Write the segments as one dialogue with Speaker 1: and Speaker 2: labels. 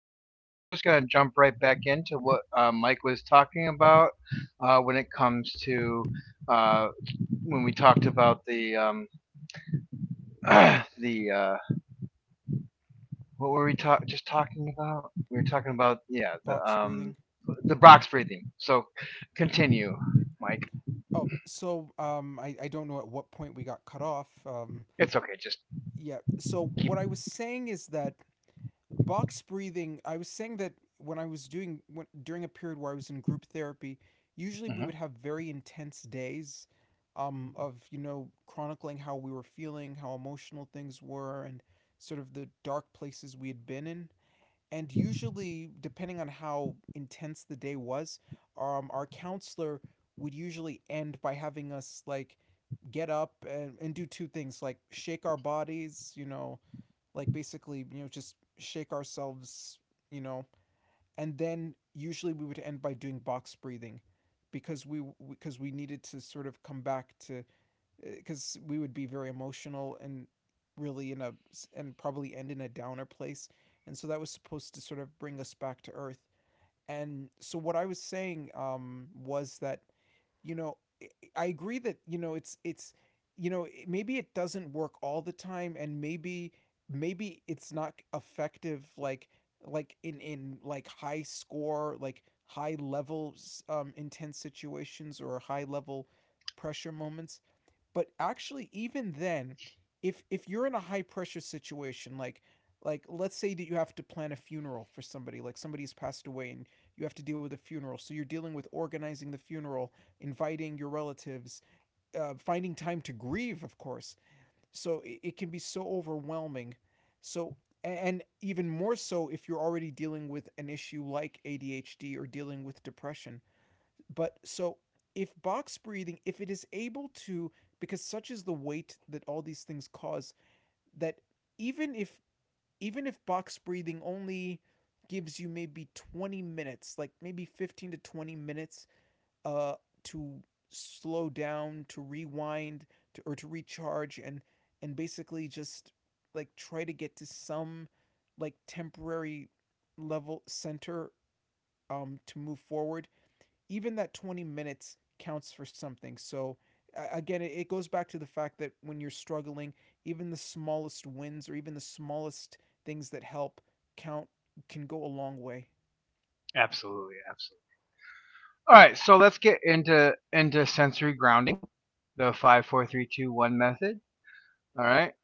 Speaker 1: difficulties. We're just going to jump right back into what Mike was talking about when it comes to uh, when we talked about the the what were we ta- just talking about? We were talking about, yeah,
Speaker 2: Box breathing.
Speaker 1: the box breathing. So continue, Mike.
Speaker 2: Oh, so I don't know at what point we got cut off.
Speaker 1: It's okay. Just
Speaker 2: Yeah. So what
Speaker 1: keep.
Speaker 2: I was saying is that box breathing. I was saying that when I was doing when, during a period where I was in group therapy, usually we
Speaker 1: Mhm.
Speaker 2: would have very intense days, of chronicling how we were feeling, how emotional things were, and sort of the dark places we had been in. And usually depending on how intense the day was our counselor would usually end by having us like get up and do two things, like shake our bodies, like basically just shake ourselves you know and then usually we would end by doing box breathing, because we because we needed to sort of come back to, because we would be very emotional and really in a, and probably end in a downer place, and so that was supposed to sort of bring us back to earth. And so what I was saying, was that, you know I- agree that it's it's maybe it doesn't work all the time, and maybe maybe it's not effective, like in like high score, like high level intense situations or high level pressure moments. But actually, even then, if you're in a high pressure situation, like let's say that you have to plan a funeral for somebody, like somebody's passed away and you have to deal with a funeral, so you're dealing with organizing the funeral, inviting your relatives, finding time to grieve, of course. So it can be so overwhelming. So, and even more so if you're already dealing with an issue like ADHD or dealing with depression. But so, if box breathing, if it is able to, because such is the weight that all these things cause, that even if even if box breathing only gives you maybe 20 minutes, like maybe 15 to 20 minutes, uh, to slow down, to rewind, to, or to recharge, and basically just like try to get to some like temporary level center, to move forward, even that 20 minutes counts for something. So again, it goes back to the fact that when you're struggling, even the smallest wins or even the smallest things that help count, can go a long way.
Speaker 1: Absolutely, absolutely. All right. So let's get into sensory grounding, the five, four, three, two, one method. All right.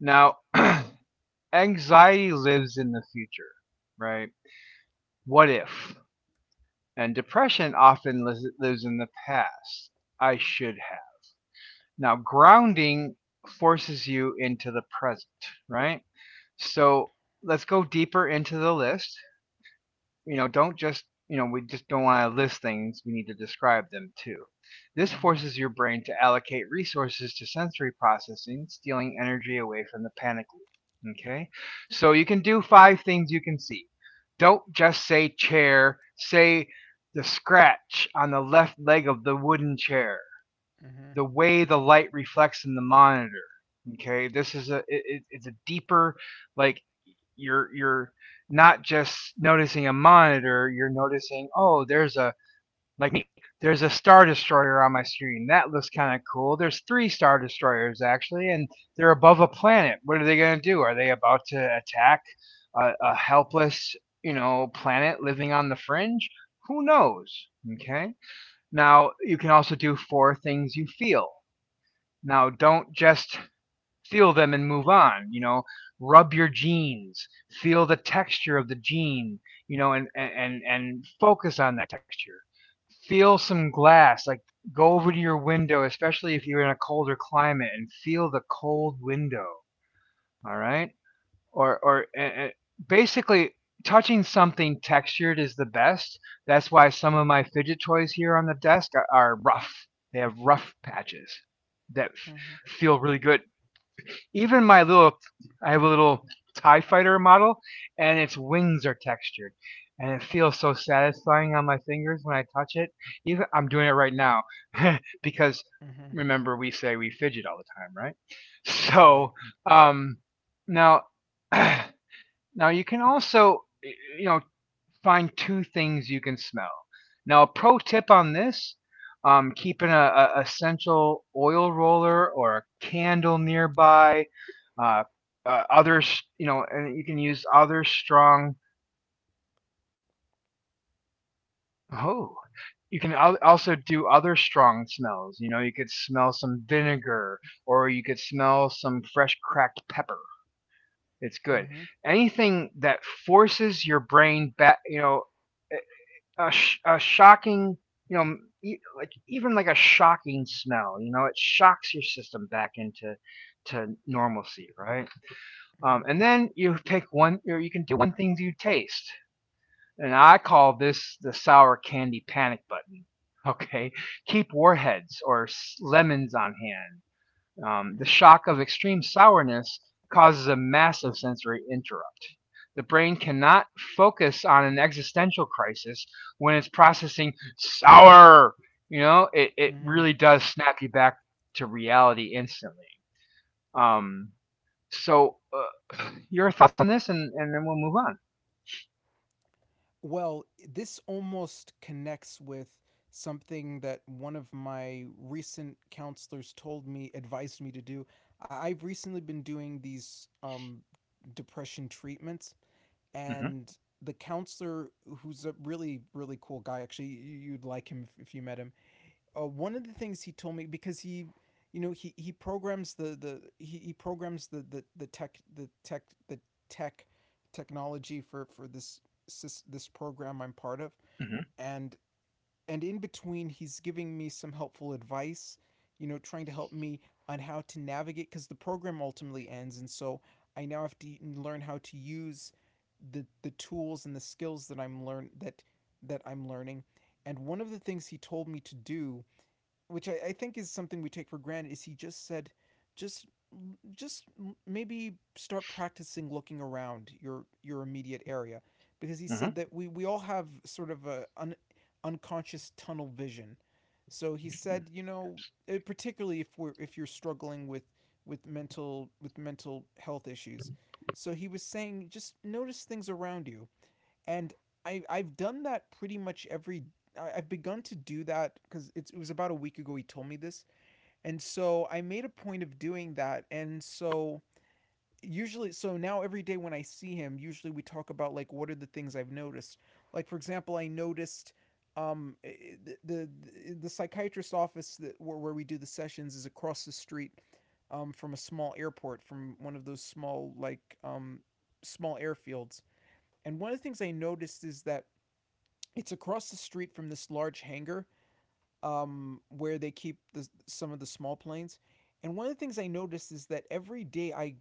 Speaker 1: Now, anxiety lives in the future, right? What if? And depression often lives in the past. I should have. Now, grounding forces you into the present, right? So let's go deeper into the list. You know, don't just, you know, we just don't want to list things. We need to describe them too. This
Speaker 2: Mhm.
Speaker 1: forces your brain to allocate resources to sensory processing, stealing energy away from the panic loop. Okay? So you can do five things you can see. Don't just say chair, say the scratch on the left leg of the wooden chair,
Speaker 2: Mhm.
Speaker 1: the way the light reflects in the monitor. Okay? This is it's a deeper, like, you're not just noticing a monitor, you're noticing, oh, there's a, like me, there's a star destroyer on my screen. That looks kind of cool. There's three-star destroyers actually, and they're above a planet. What are they going to do? Are they about to attack a helpless, you know, planet living on the fringe? Who knows? Okay. Now you can also do four things you feel. Now don't just feel them and move on, you know, rub your jeans, feel the texture of the jean, you know, and focus on that texture. Feel some glass, like, go over to your window, especially if you're in a colder climate, and feel the cold window. All right. or or eh, eh, Basically, touching something textured is the best. That's why some of my fidget toys here on the desk are rough. They have rough patches that
Speaker 2: Mhm.
Speaker 1: feel really good. Even my little, I have a little TIE fighter model, and its wings are textured, and it feels so satisfying on my fingers when I touch it. Even I'm doing it right now because
Speaker 2: Mhm.
Speaker 1: remember we say we fidget all the time, right?
Speaker 2: Right.
Speaker 1: So um, now, now you can also, you know, find two things you can smell. Now, a pro tip on this, keeping a essential oil roller or a candle nearby, uh, other, you know, and you can use other strong. Oh, you can also do other strong smells. You know, you could smell some vinegar or you could smell some fresh cracked pepper. It's good.
Speaker 2: Mhm.
Speaker 1: Anything that forces your brain back, you know, a, a shocking, you know, like even like a shocking smell. You know, it shocks your system back into to normalcy, right?
Speaker 2: Mhm.
Speaker 1: And then you pick one, or you can do one things you taste, and I call this the sour candy panic button. Okay, keep warheads or lemons on hand. The
Speaker 2: Mhm.
Speaker 1: shock of extreme sourness causes a massive sensory interrupt. The brain cannot focus on an existential crisis when it's processing sour. You know, it
Speaker 2: Mhm.
Speaker 1: really does snap you back to reality instantly. Um, so, uh, your thoughts on this, and then we'll move on.
Speaker 2: Well, this almost connects with something that one of my recent counselors told me, advised me to do. I- I've recently been doing these depression treatments,
Speaker 1: Mm
Speaker 2: and the counselor, who's a really, really cool guy, actually, y- you'd like him if you met him. One of the things he told me, because he, he programs the he programs the tech the tech the tech technology for this this program I'm part of.
Speaker 1: hmm. Mm
Speaker 2: and and in between he's giving me some helpful advice, trying to help me on how to navigate, because the program ultimately ends, and so I now have to learn how to use the tools and the skills that I'm learn that that I'm learning. And one of the things he told me to do, which I think is something we take for granted, is he just said, just just maybe start practicing looking around your immediate area, because he
Speaker 1: hmm.
Speaker 2: said
Speaker 1: Mm
Speaker 2: that we all have sort of a un, unconscious tunnel vision. So he said,
Speaker 1: hmm.
Speaker 2: eh, particularly if we're if you're struggling with with mental health issues. So he was saying just notice things around you. And I've done that pretty much every, I- have begun to do that, because it was about a week ago he told me this, and so I made a point of doing that. And so usually, so now every day when I see him, usually we talk about like what are the things I've noticed. Like for example, I noticed um eh, eh, the the psychiatrist office that where we do the sessions is across the street from a small airport, from one of those small like small airfields. And one of the things I noticed is that it's across the street from this large hangar, where they keep some of the small planes. And one of the things I noticed is that every day I,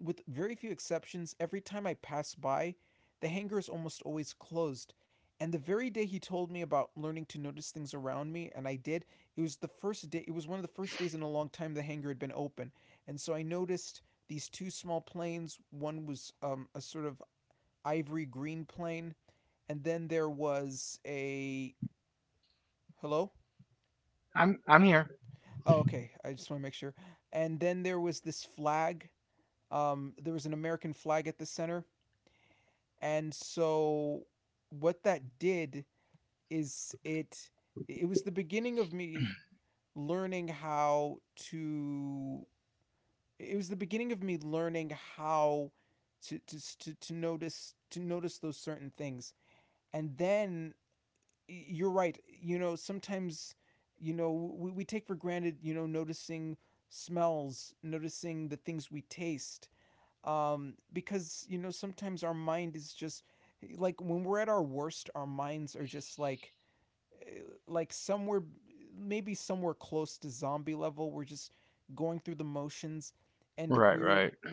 Speaker 2: with very few exceptions, every time I pass by, the hangar is almost always closed. And the very day he told me about learning to notice things around me, and I did, it was the first day, it was one of the first days in a long time the hangar had been open. And so I noticed these two small planes. One was
Speaker 1: I'm here. Right, right.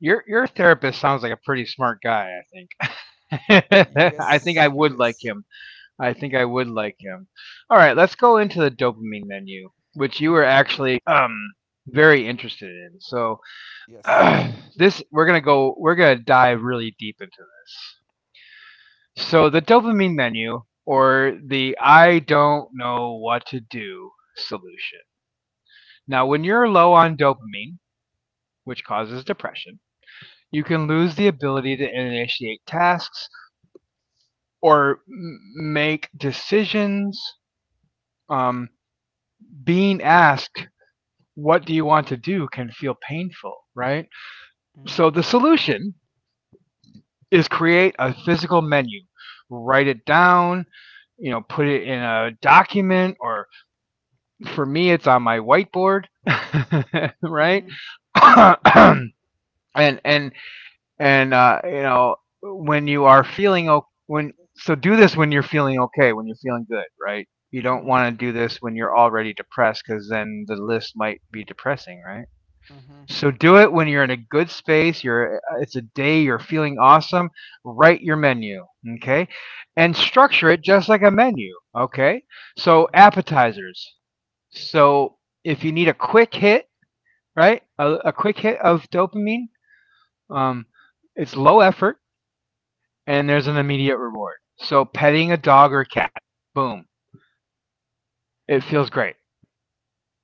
Speaker 1: Your therapist sounds like a pretty smart guy. I think. I think I would like him. I think I would like him. All right, let's go into the dopamine menu, which you were actually, very interested in. So this we're gonna dive really deep into this. So the dopamine menu or the I don't know what to do solution. Now, when you're low on dopamine, which causes depression, you can lose the ability to initiate tasks or make decisions. Um, being asked what do you want to do can feel painful, right? So the solution is create a physical menu, write it down, you know, put it in a document, or for me, it's on my whiteboard, right? and and and you know, when you are feeling okay, when, so do this when you're feeling okay, when you're feeling good, right? You don't want to do this when you're already depressed, because then the list might be depressing, right? So do it when you're in a good space, you're it's a day you're feeling awesome, write your menu, okay? And structure it just like a menu, okay? So appetizers. So if you need a quick hit, right? A quick hit of dopamine, um it's low effort and there's an immediate reward. So petting a dog or a cat, boom. It feels great.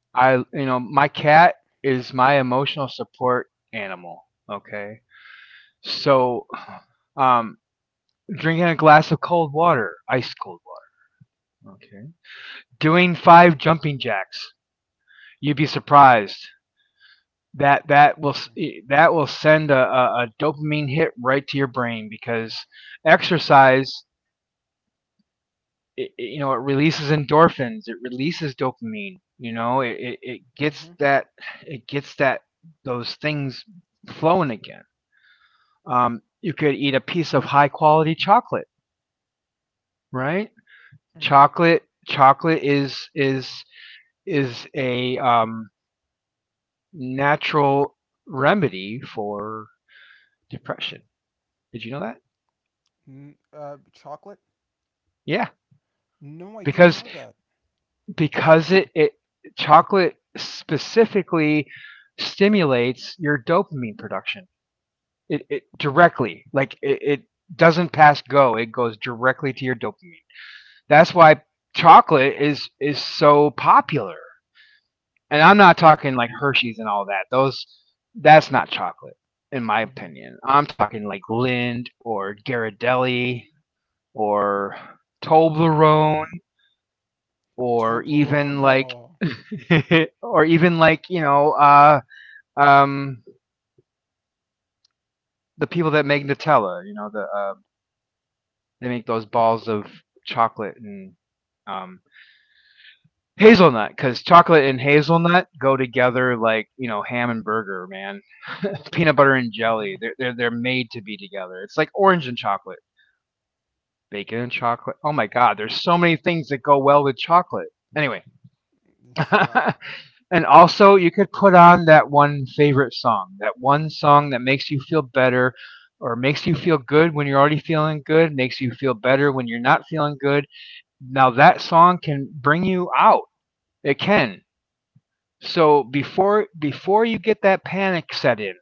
Speaker 1: I, you know, my cat is my emotional support animal, okay? So um Drinking a glass of cold water, ice cold water. Okay. Doing five jumping jacks. You'd be surprised. That will that will send a dopamine hit right to your brain because exercise, you know, it releases endorphins. It releases dopamine. You know, it gets that, it gets that, those things flowing again. You could eat a piece of high quality chocolate, right? Chocolate is a natural remedy for depression. Did you know that? Yeah, because because it chocolate specifically stimulates your dopamine production. It directly, like, it doesn't pass go. It goes directly to your dopamine. That's why chocolate is so popular. And I'm not talking like Hershey's and all that. Those, that's not chocolate, in my opinion. I'm talking like Lindt or Ghirardelli or Toblerone or even like or even like, you know, um, the people that make Nutella. You know the, they make those balls of chocolate and, um, Hazelnut, because chocolate and hazelnut go together like, you know, ham and burger, man. Peanut butter and jelly, they're made to be together. It's like orange and chocolate, bacon and chocolate. Oh my God, there's so many things that go well with chocolate. Anyway, and also you could put on that one favorite song, that one song that makes you feel better, or makes you feel good when you're already feeling good, makes you feel better when you're not feeling good. Now that song can bring you out. It can. So before you get that panic set in,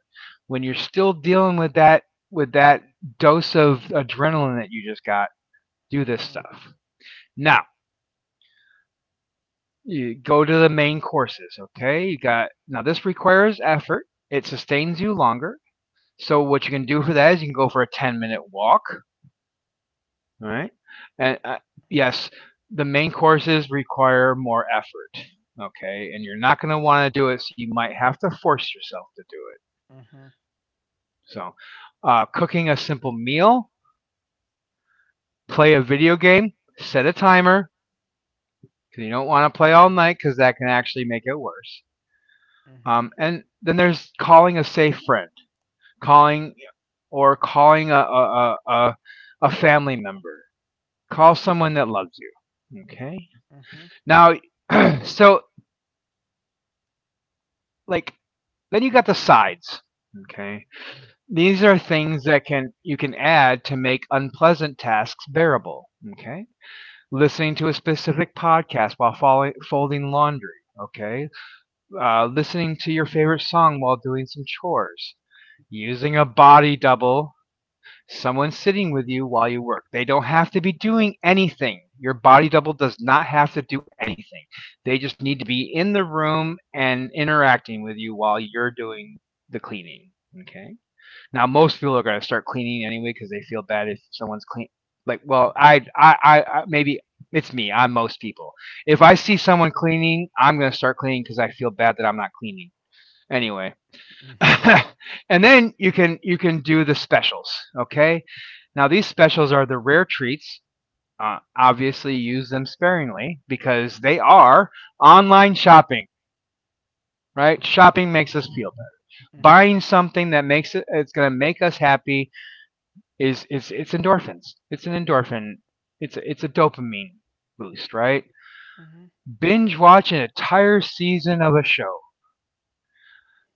Speaker 1: when you're still dealing with that dose of adrenaline that you just got, do this stuff. Now, you go to the main courses, okay? You got, now this requires effort. It sustains you longer. So what you can do for that is you can go for a 10-minute walk, all right? And yes, the main courses require more effort, okay? And you're not going to want to do it, so you might have to force yourself to do it. So, cooking a simple meal, play a video game, set a timer because you don't want to play all night because that can actually make it worse. And then there's calling a safe friend, calling or calling a family member, call someone that loves you. Okay. Now, so, like, then you got the sides. Okay. These are things that can, you can add to make unpleasant tasks bearable. Okay. Listening to a specific podcast while folding laundry, okay? Listening to your favorite song while doing some chores, using a body double, someone sitting with you while you work. They don't have to be doing anything. Your body double does not have to do, they just need to be in the room and interacting with you while you're doing the cleaning, okay? Now most people are going to start cleaning anyway because they feel bad if someone's clean. Like, well, I maybe it's me. I'm most people. If I see someone cleaning, I'm going to start cleaning because I feel bad that I'm not cleaning anyway. And then you can do the specials. Okay. Now these specials are the rare treats. Obviously, use them sparingly because they are online shopping. Right? Shopping makes us feel better. Buying something that makes it, it's going to make us happy is it's endorphins. It's an endorphin. It's a dopamine boost, right? Binge watch an entire season of a show.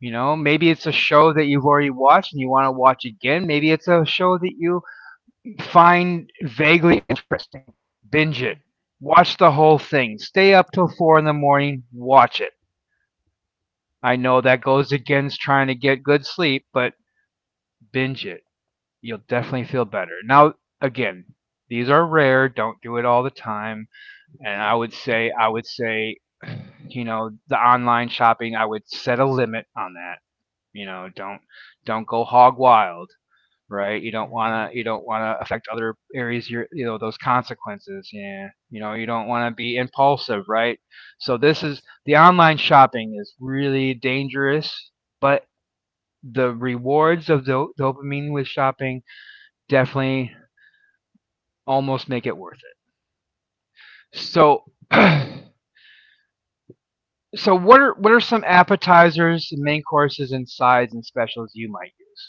Speaker 1: You know, maybe it's a show that you've already watched and you want to watch again. Maybe it's a show that you find vaguely interesting. Binge it. Watch the whole thing. Stay up till four in the morning. Watch it. I know that goes against trying to get good sleep, but binge it. You'll definitely feel better. Now, again, these are rare. Don't do it all the time. And I would say, the online shopping, I would set a limit on that. You know, don't go hog wild, right? You don't wanna affect other areas. Your you know those consequences. Yeah, you know, you don't wanna be impulsive, right? So this is the online shopping is really dangerous, but the rewards of dopamine with shopping definitely almost make it worth it. So. So what are some appetizers, main courses, and sides and specials you might use?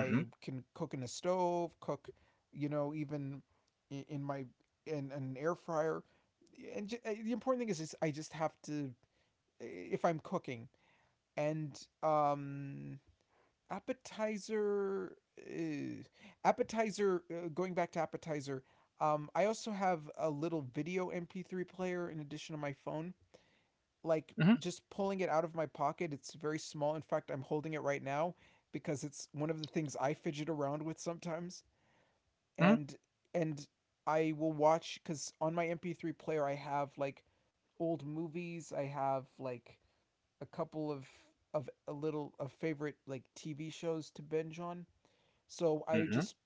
Speaker 1: Mhm. Mhm. Mhm. Mhm.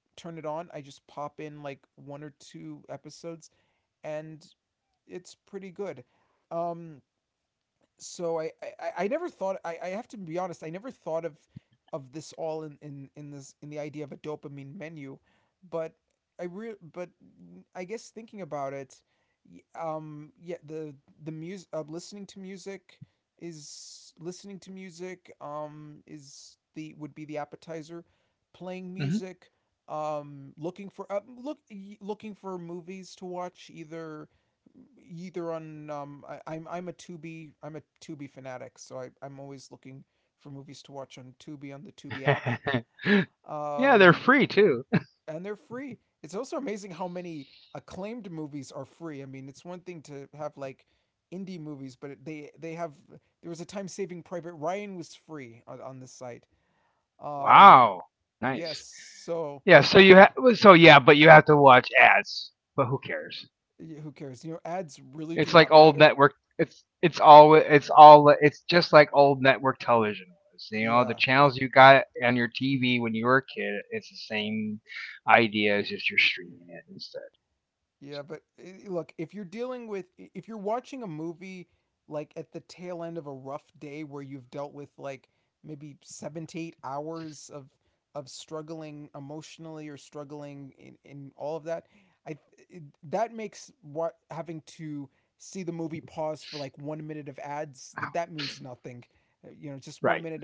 Speaker 1: Mhm. Yeah, they're free too. Wow. Nice. Yeah, so you ha so yeah, but you have to watch ads, but who cares? It's like old network. It's all it's all it's just like old network television was. You know, the channels you got on your TV when you were a kid. It's the same idea. It's just you're streaming it instead. So ow, right.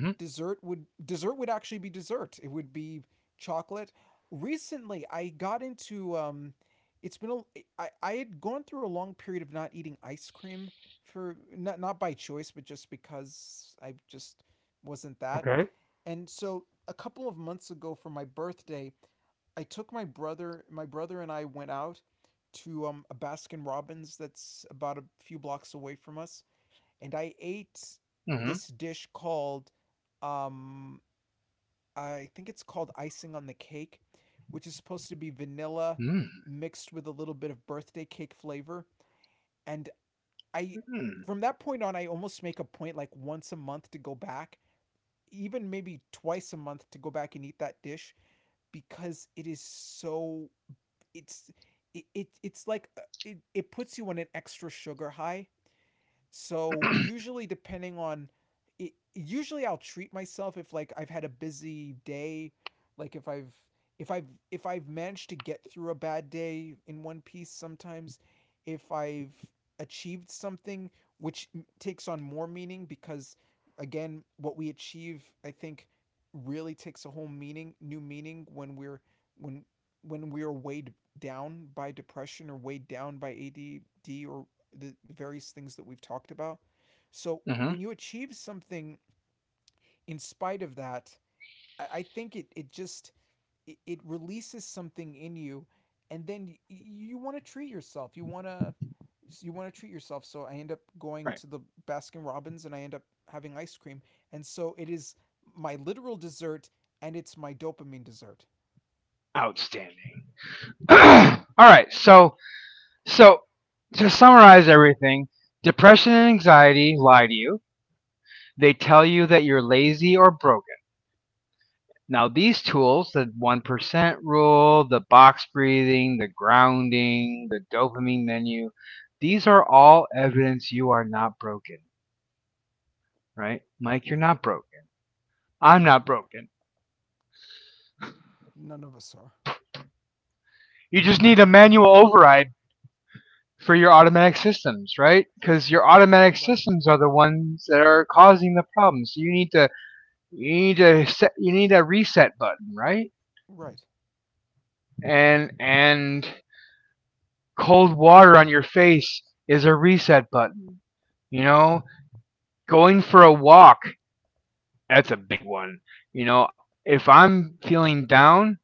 Speaker 1: Mhm. Okay. Mhm. mm Mhm. Mhm. Right. Outstanding. All right. So to summarize everything, depression and anxiety lie to you. They tell you that you're lazy or broke. Now, these tools, the 1% rule, the box breathing, the grounding, the dopamine menu, these are all evidence you are not broken, right? Mike, you're not broken. I'm not broken. You just need a manual override for your automatic systems, right? Because your automatic systems are the ones that are causing the problems. So you need to set you need a reset button, right? And cold water on your face is a reset button. You know, going for a walk, that's a big one, you know, if I'm feeling down,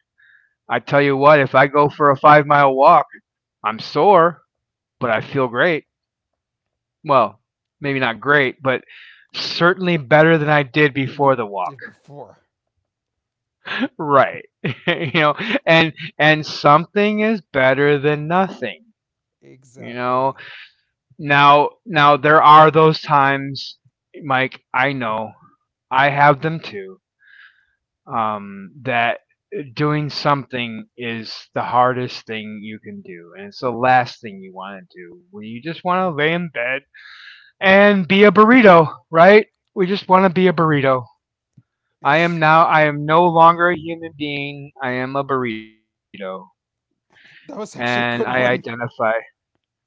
Speaker 1: I tell you what, if I go for a 5 mile walk, I'm sore, but I feel great. Well, maybe not great, but certainly better than I did before the walk. Right. You know, and something is better than nothing, you know. Now there are those times, Mike. I know, I have them too. That doing something is the hardest thing you can do, and it's the last thing you want to do. When you just want to lay in bed and be a burrito, right? We just want to be a burrito. I am now. I am no longer a human being. I am a burrito, and I identify.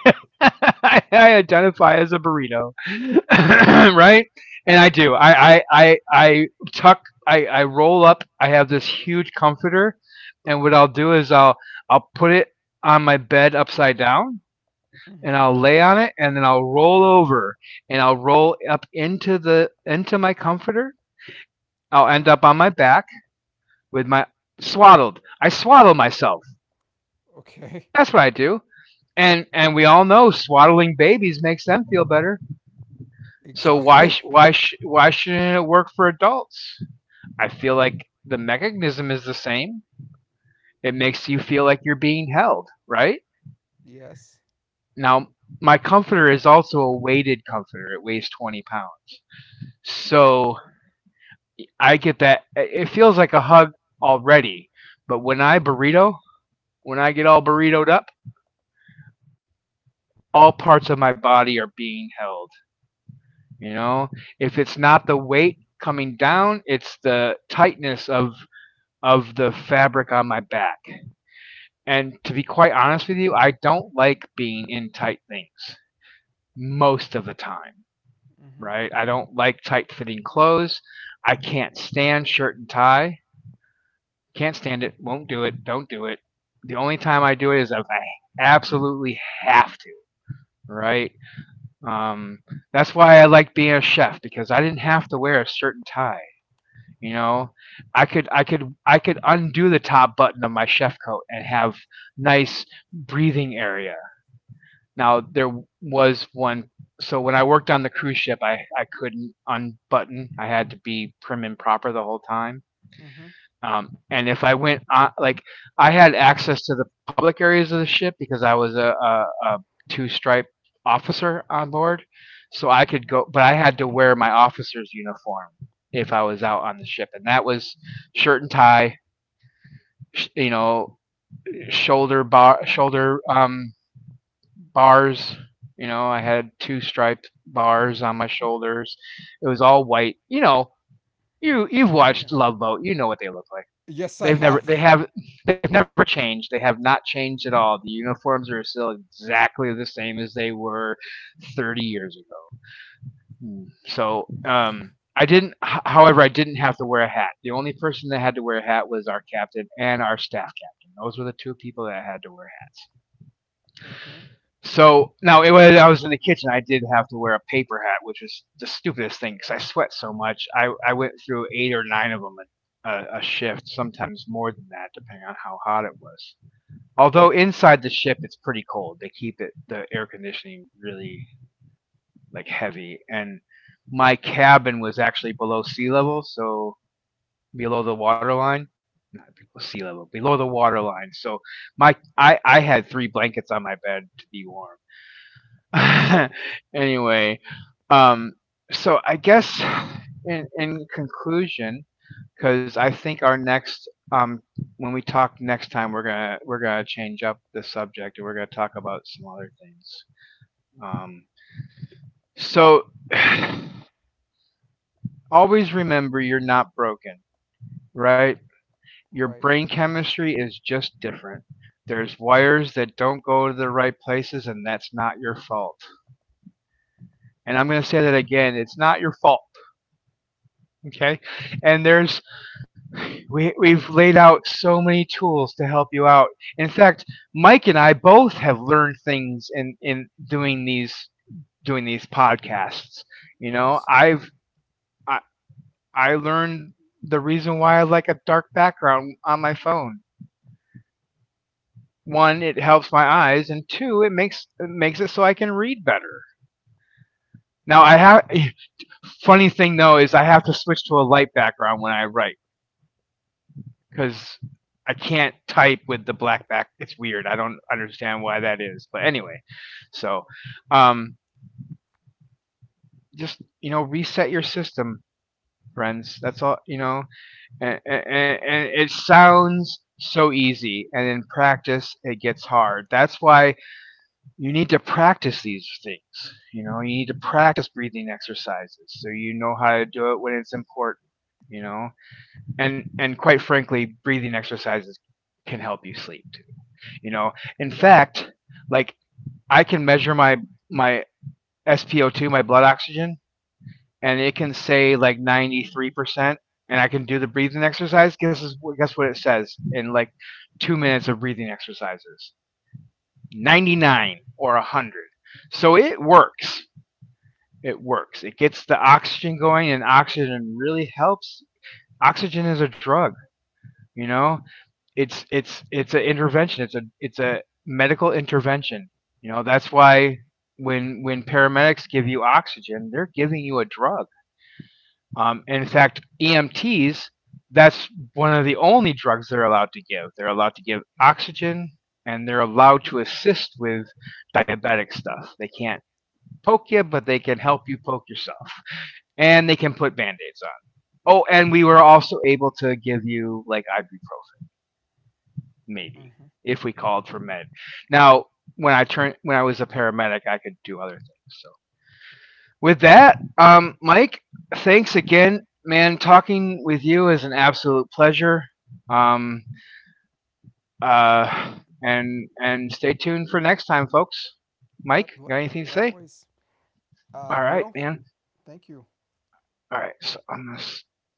Speaker 1: I identify as a burrito, right? And I do. I tuck. I roll up. I have this huge comforter, and what I'll do is I'll put it on my bed upside down, and I'll lay on it, and then I'll roll over, and I'll roll up into my comforter. I'll end up on my back with my swaddled. I swaddle myself. That's what I do. And we all know swaddling babies makes them feel better. So why shouldn't it work for adults? I feel like the mechanism is the same. It makes you feel like you're being held, right? Now, my comforter is also a weighted comforter. It weighs 20 pounds. So I get that. It feels like a hug already. But when I burrito, when I get all burritoed up, all parts of my body are being held. You know, if it's not the weight coming down, it's the tightness of the fabric on my back. And to be quite honest with you, I don't like being in tight things most of the time, right? I don't like tight fitting clothes. I can't stand shirt and tie. Can't stand it. Won't do it. Don't do it. The only time I do it is if I absolutely have to, right? Um, that's why I like being a chef because I didn't have to wear a shirt and tie. You know, I could undo the top button of my chef coat and have nice breathing area. Now there was one so when I worked on the cruise ship, I couldn't unbutton. I had to be prim and proper the whole time. And if I went on, like, I had access to the public areas of the ship because I was a two stripe officer on board, so I could go, but I had to wear my officer's uniform if I was out on the ship, and that was shirt and tie, you know, shoulder bar, shoulder bars. You know, I had two striped bars on my shoulders. It was all white. You know, you you've watched Love Boat. You know what they look like. They've never they have they've never changed. They have not changed at all. The uniforms are still exactly the same as they were 30 years ago. So I didn't. However, I didn't have to wear a hat. The only person that had to wear a hat was our captain and our staff captain. Those were the two people that had to wear hats. So now, when I was in the kitchen, I did have to wear a paper hat, which was the stupidest thing because I sweat so much. I went through eight or nine of them a shift, sometimes more than that, depending on how hot it was. Although inside the ship, it's pretty cold. They keep it the air conditioning really like heavy, and my cabin was actually below sea level, so below the water line. Not below sea level, below the water line. So my I had three blankets on my bed to be warm. Anyway, um, so I guess in conclusion, because I think our next when we talk next time, we're gonna change up the subject and we're gonna talk about some other things. Um, so always remember, you're not broken, right? Your brain chemistry is just different. There's wires that don't go to the right places, and that's not your fault. And I'm going to say that again, it's not your fault. Okay, and there's we we've laid out so many tools to help you out. In fact, Mike and I both have learned things in doing these podcasts. You know, I, I learned the reason why I like a dark background on my phone. One, it helps my eyes, and two, it makes it so I can read better. Now I have funny thing though is I have to switch to a light background when I write because I can't type with the black back. It's weird. I don't understand why that is. But anyway, so um, just, you know, reset your system, friends. That's all, you know. And it sounds so easy, and in practice, it gets hard. That's why you need to practice these things. You know, you need to practice breathing exercises so you know how to do it when it's important. You know, and quite frankly, breathing exercises can help you sleep. You know, in fact, like, I can measure my my SpO2, my blood oxygen, and it can say like 93%, and I can do the breathing exercise. Guess what it says in like 2 minutes of breathing exercises? 99 or 100. So it works. It works. It gets the oxygen going, and oxygen really helps. Oxygen is a drug. You know, it's an intervention. It's a medical intervention. You know, that's why when paramedics give you oxygen, they're giving you a drug. And in fact, EMTs, that's one of the only drugs they're allowed to give. They're allowed to give oxygen, and they're allowed to assist with diabetic stuff. They can't poke you, but they can help you poke yourself, and they can put band-aids on. Oh, and we were also able to give you like ibuprofen, maybe, if we called for med. Now, when I was a paramedic, I could do other things. So with that, Mike, thanks again, man. Talking with you is an absolute pleasure. Um, uh, and stay tuned for next time, folks. Mike, got anything to say? All right, man. All right, so I'm gonna stop.